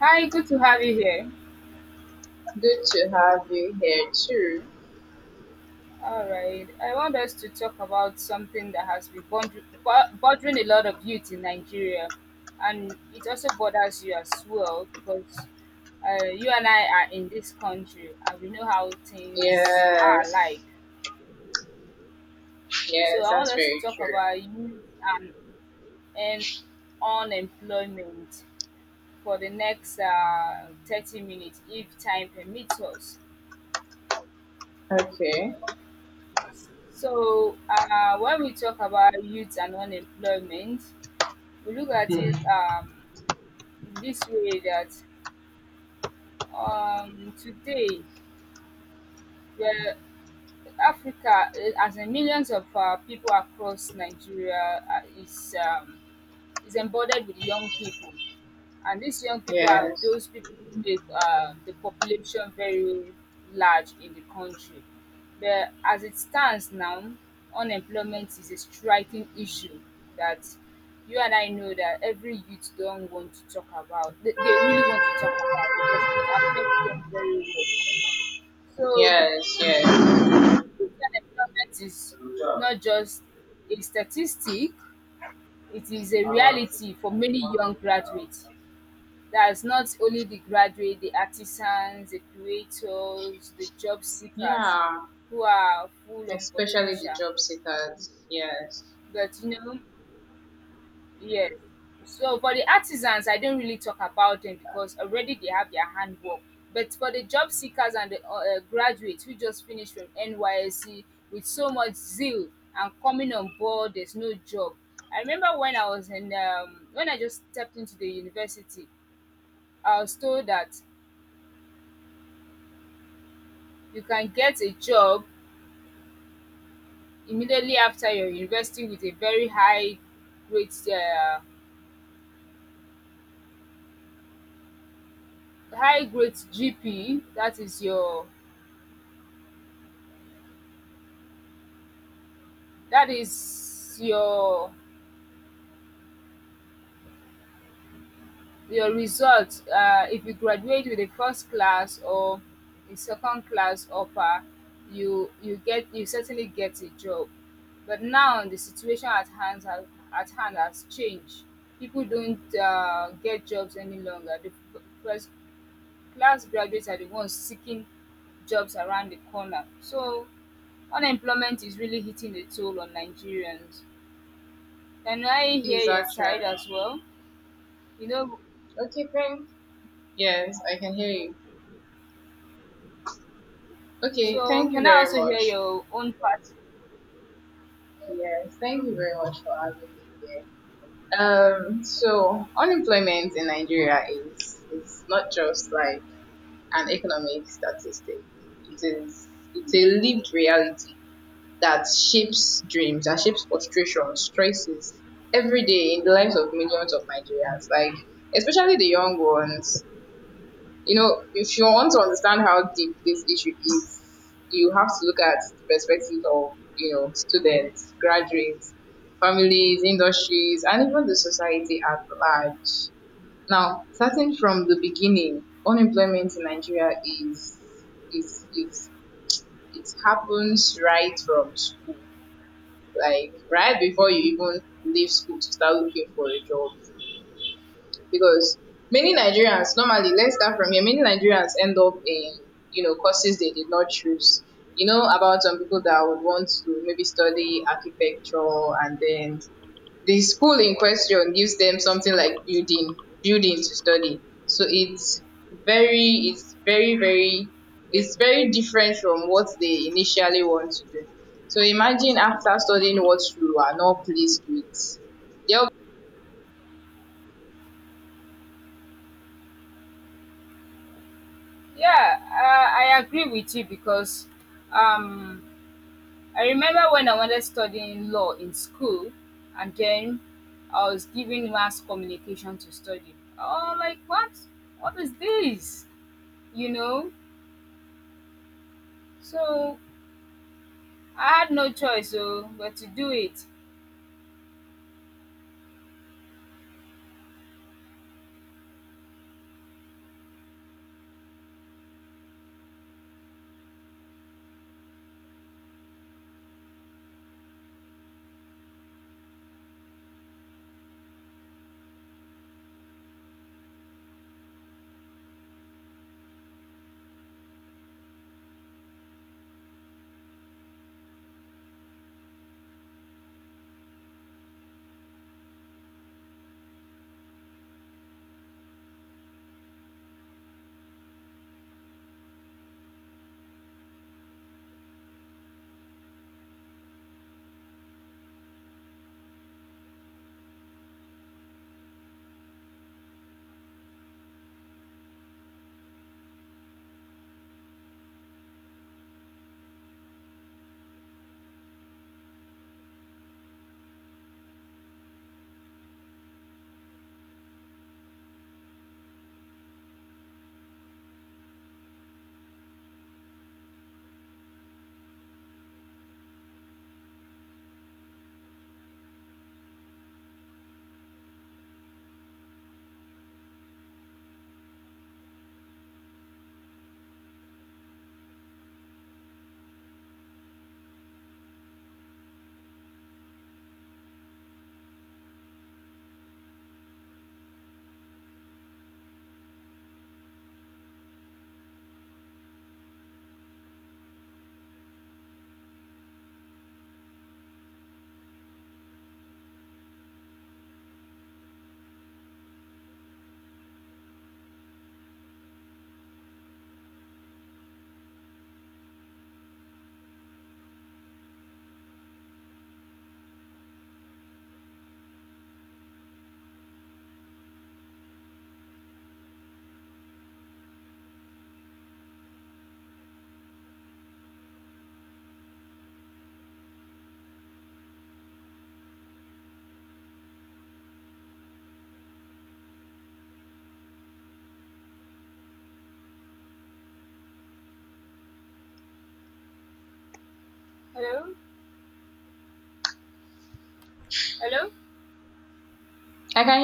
Hi, good to have you here. Good to have you here too. All right, I want us to talk about something that has been bothering a lot of youth in Nigeria, and it also bothers you as well because you and I are in this country and we know how things are like. Yes, So yes, I want that's us to very talk true. about youth and unemployment for the next 30 minutes if time permits us. Okay. So, when we talk about youth and unemployment, we look at it this way that today, where Africa, eh, as in millions of people across Nigeria, is embodied with young people. And these young people are Yes, those people, with the population very large in the country. But as it stands now, unemployment is a striking issue that you and I know that every youth don't want to talk about. They really want to talk about because it affects them very well. So yes, yes. youth unemployment is not just a statistic, it is a reality for many young graduates. That's not only the graduate, the artisans, the creators, the job seekers Yeah, who are full of especially the potential. job seekers. Yes, But you know yes. So for the artisans, I don't really talk about them because already they have their handwork. But for the job seekers and the graduates who just finished from NYSC with so much zeal and coming on board, there's no job. I remember when I was in when I just stepped into the university, I was told that you can get a job immediately after your university with a very grade um high grade GP. That is your that is your your result. If you graduate with a first class or a second class upper, you certainly get a job. But now the situation at hand has changed. People don't get jobs any longer. The first class graduates are the ones seeking jobs around the corner. So unemployment is really hitting a toll on Nigerians. Can I hear please your side actually. as well? You know, Okay, thank. Yes, I can hear you. Okay, so thank you can I very also hear much. your own part? Yes, thank you very much for having me here. So unemployment in Nigeria is not just like an economic statistic. It is it's a lived reality that shapes dreams, that shapes frustrations, stresses every day in the lives of millions of Nigerians. Like especially the young ones. You know, if you want to understand how deep this issue is, you have to look at the perspective of students, graduates, families, industries, and even the society at large. Now, starting from the beginning, unemployment in Nigeria is it happens right from school, like right before you even leave school to start looking for a job. Because many Nigerians, normally, let's start from here. Many Nigerians end up in courses they did not choose. You know about some people that would want to maybe study architecture, and then the school in question gives them something like building to study, so very it's very very it's very different from what they initially want to do. So imagine after studying what you are not pleased with the, Yeah, I agree with you because um, I remember when I wanted studying law in school, and then I was given mass communication to study. Oh, like what? What is this? You know. So I had no choice, oh, but to do it. Hello? Hello? I can hear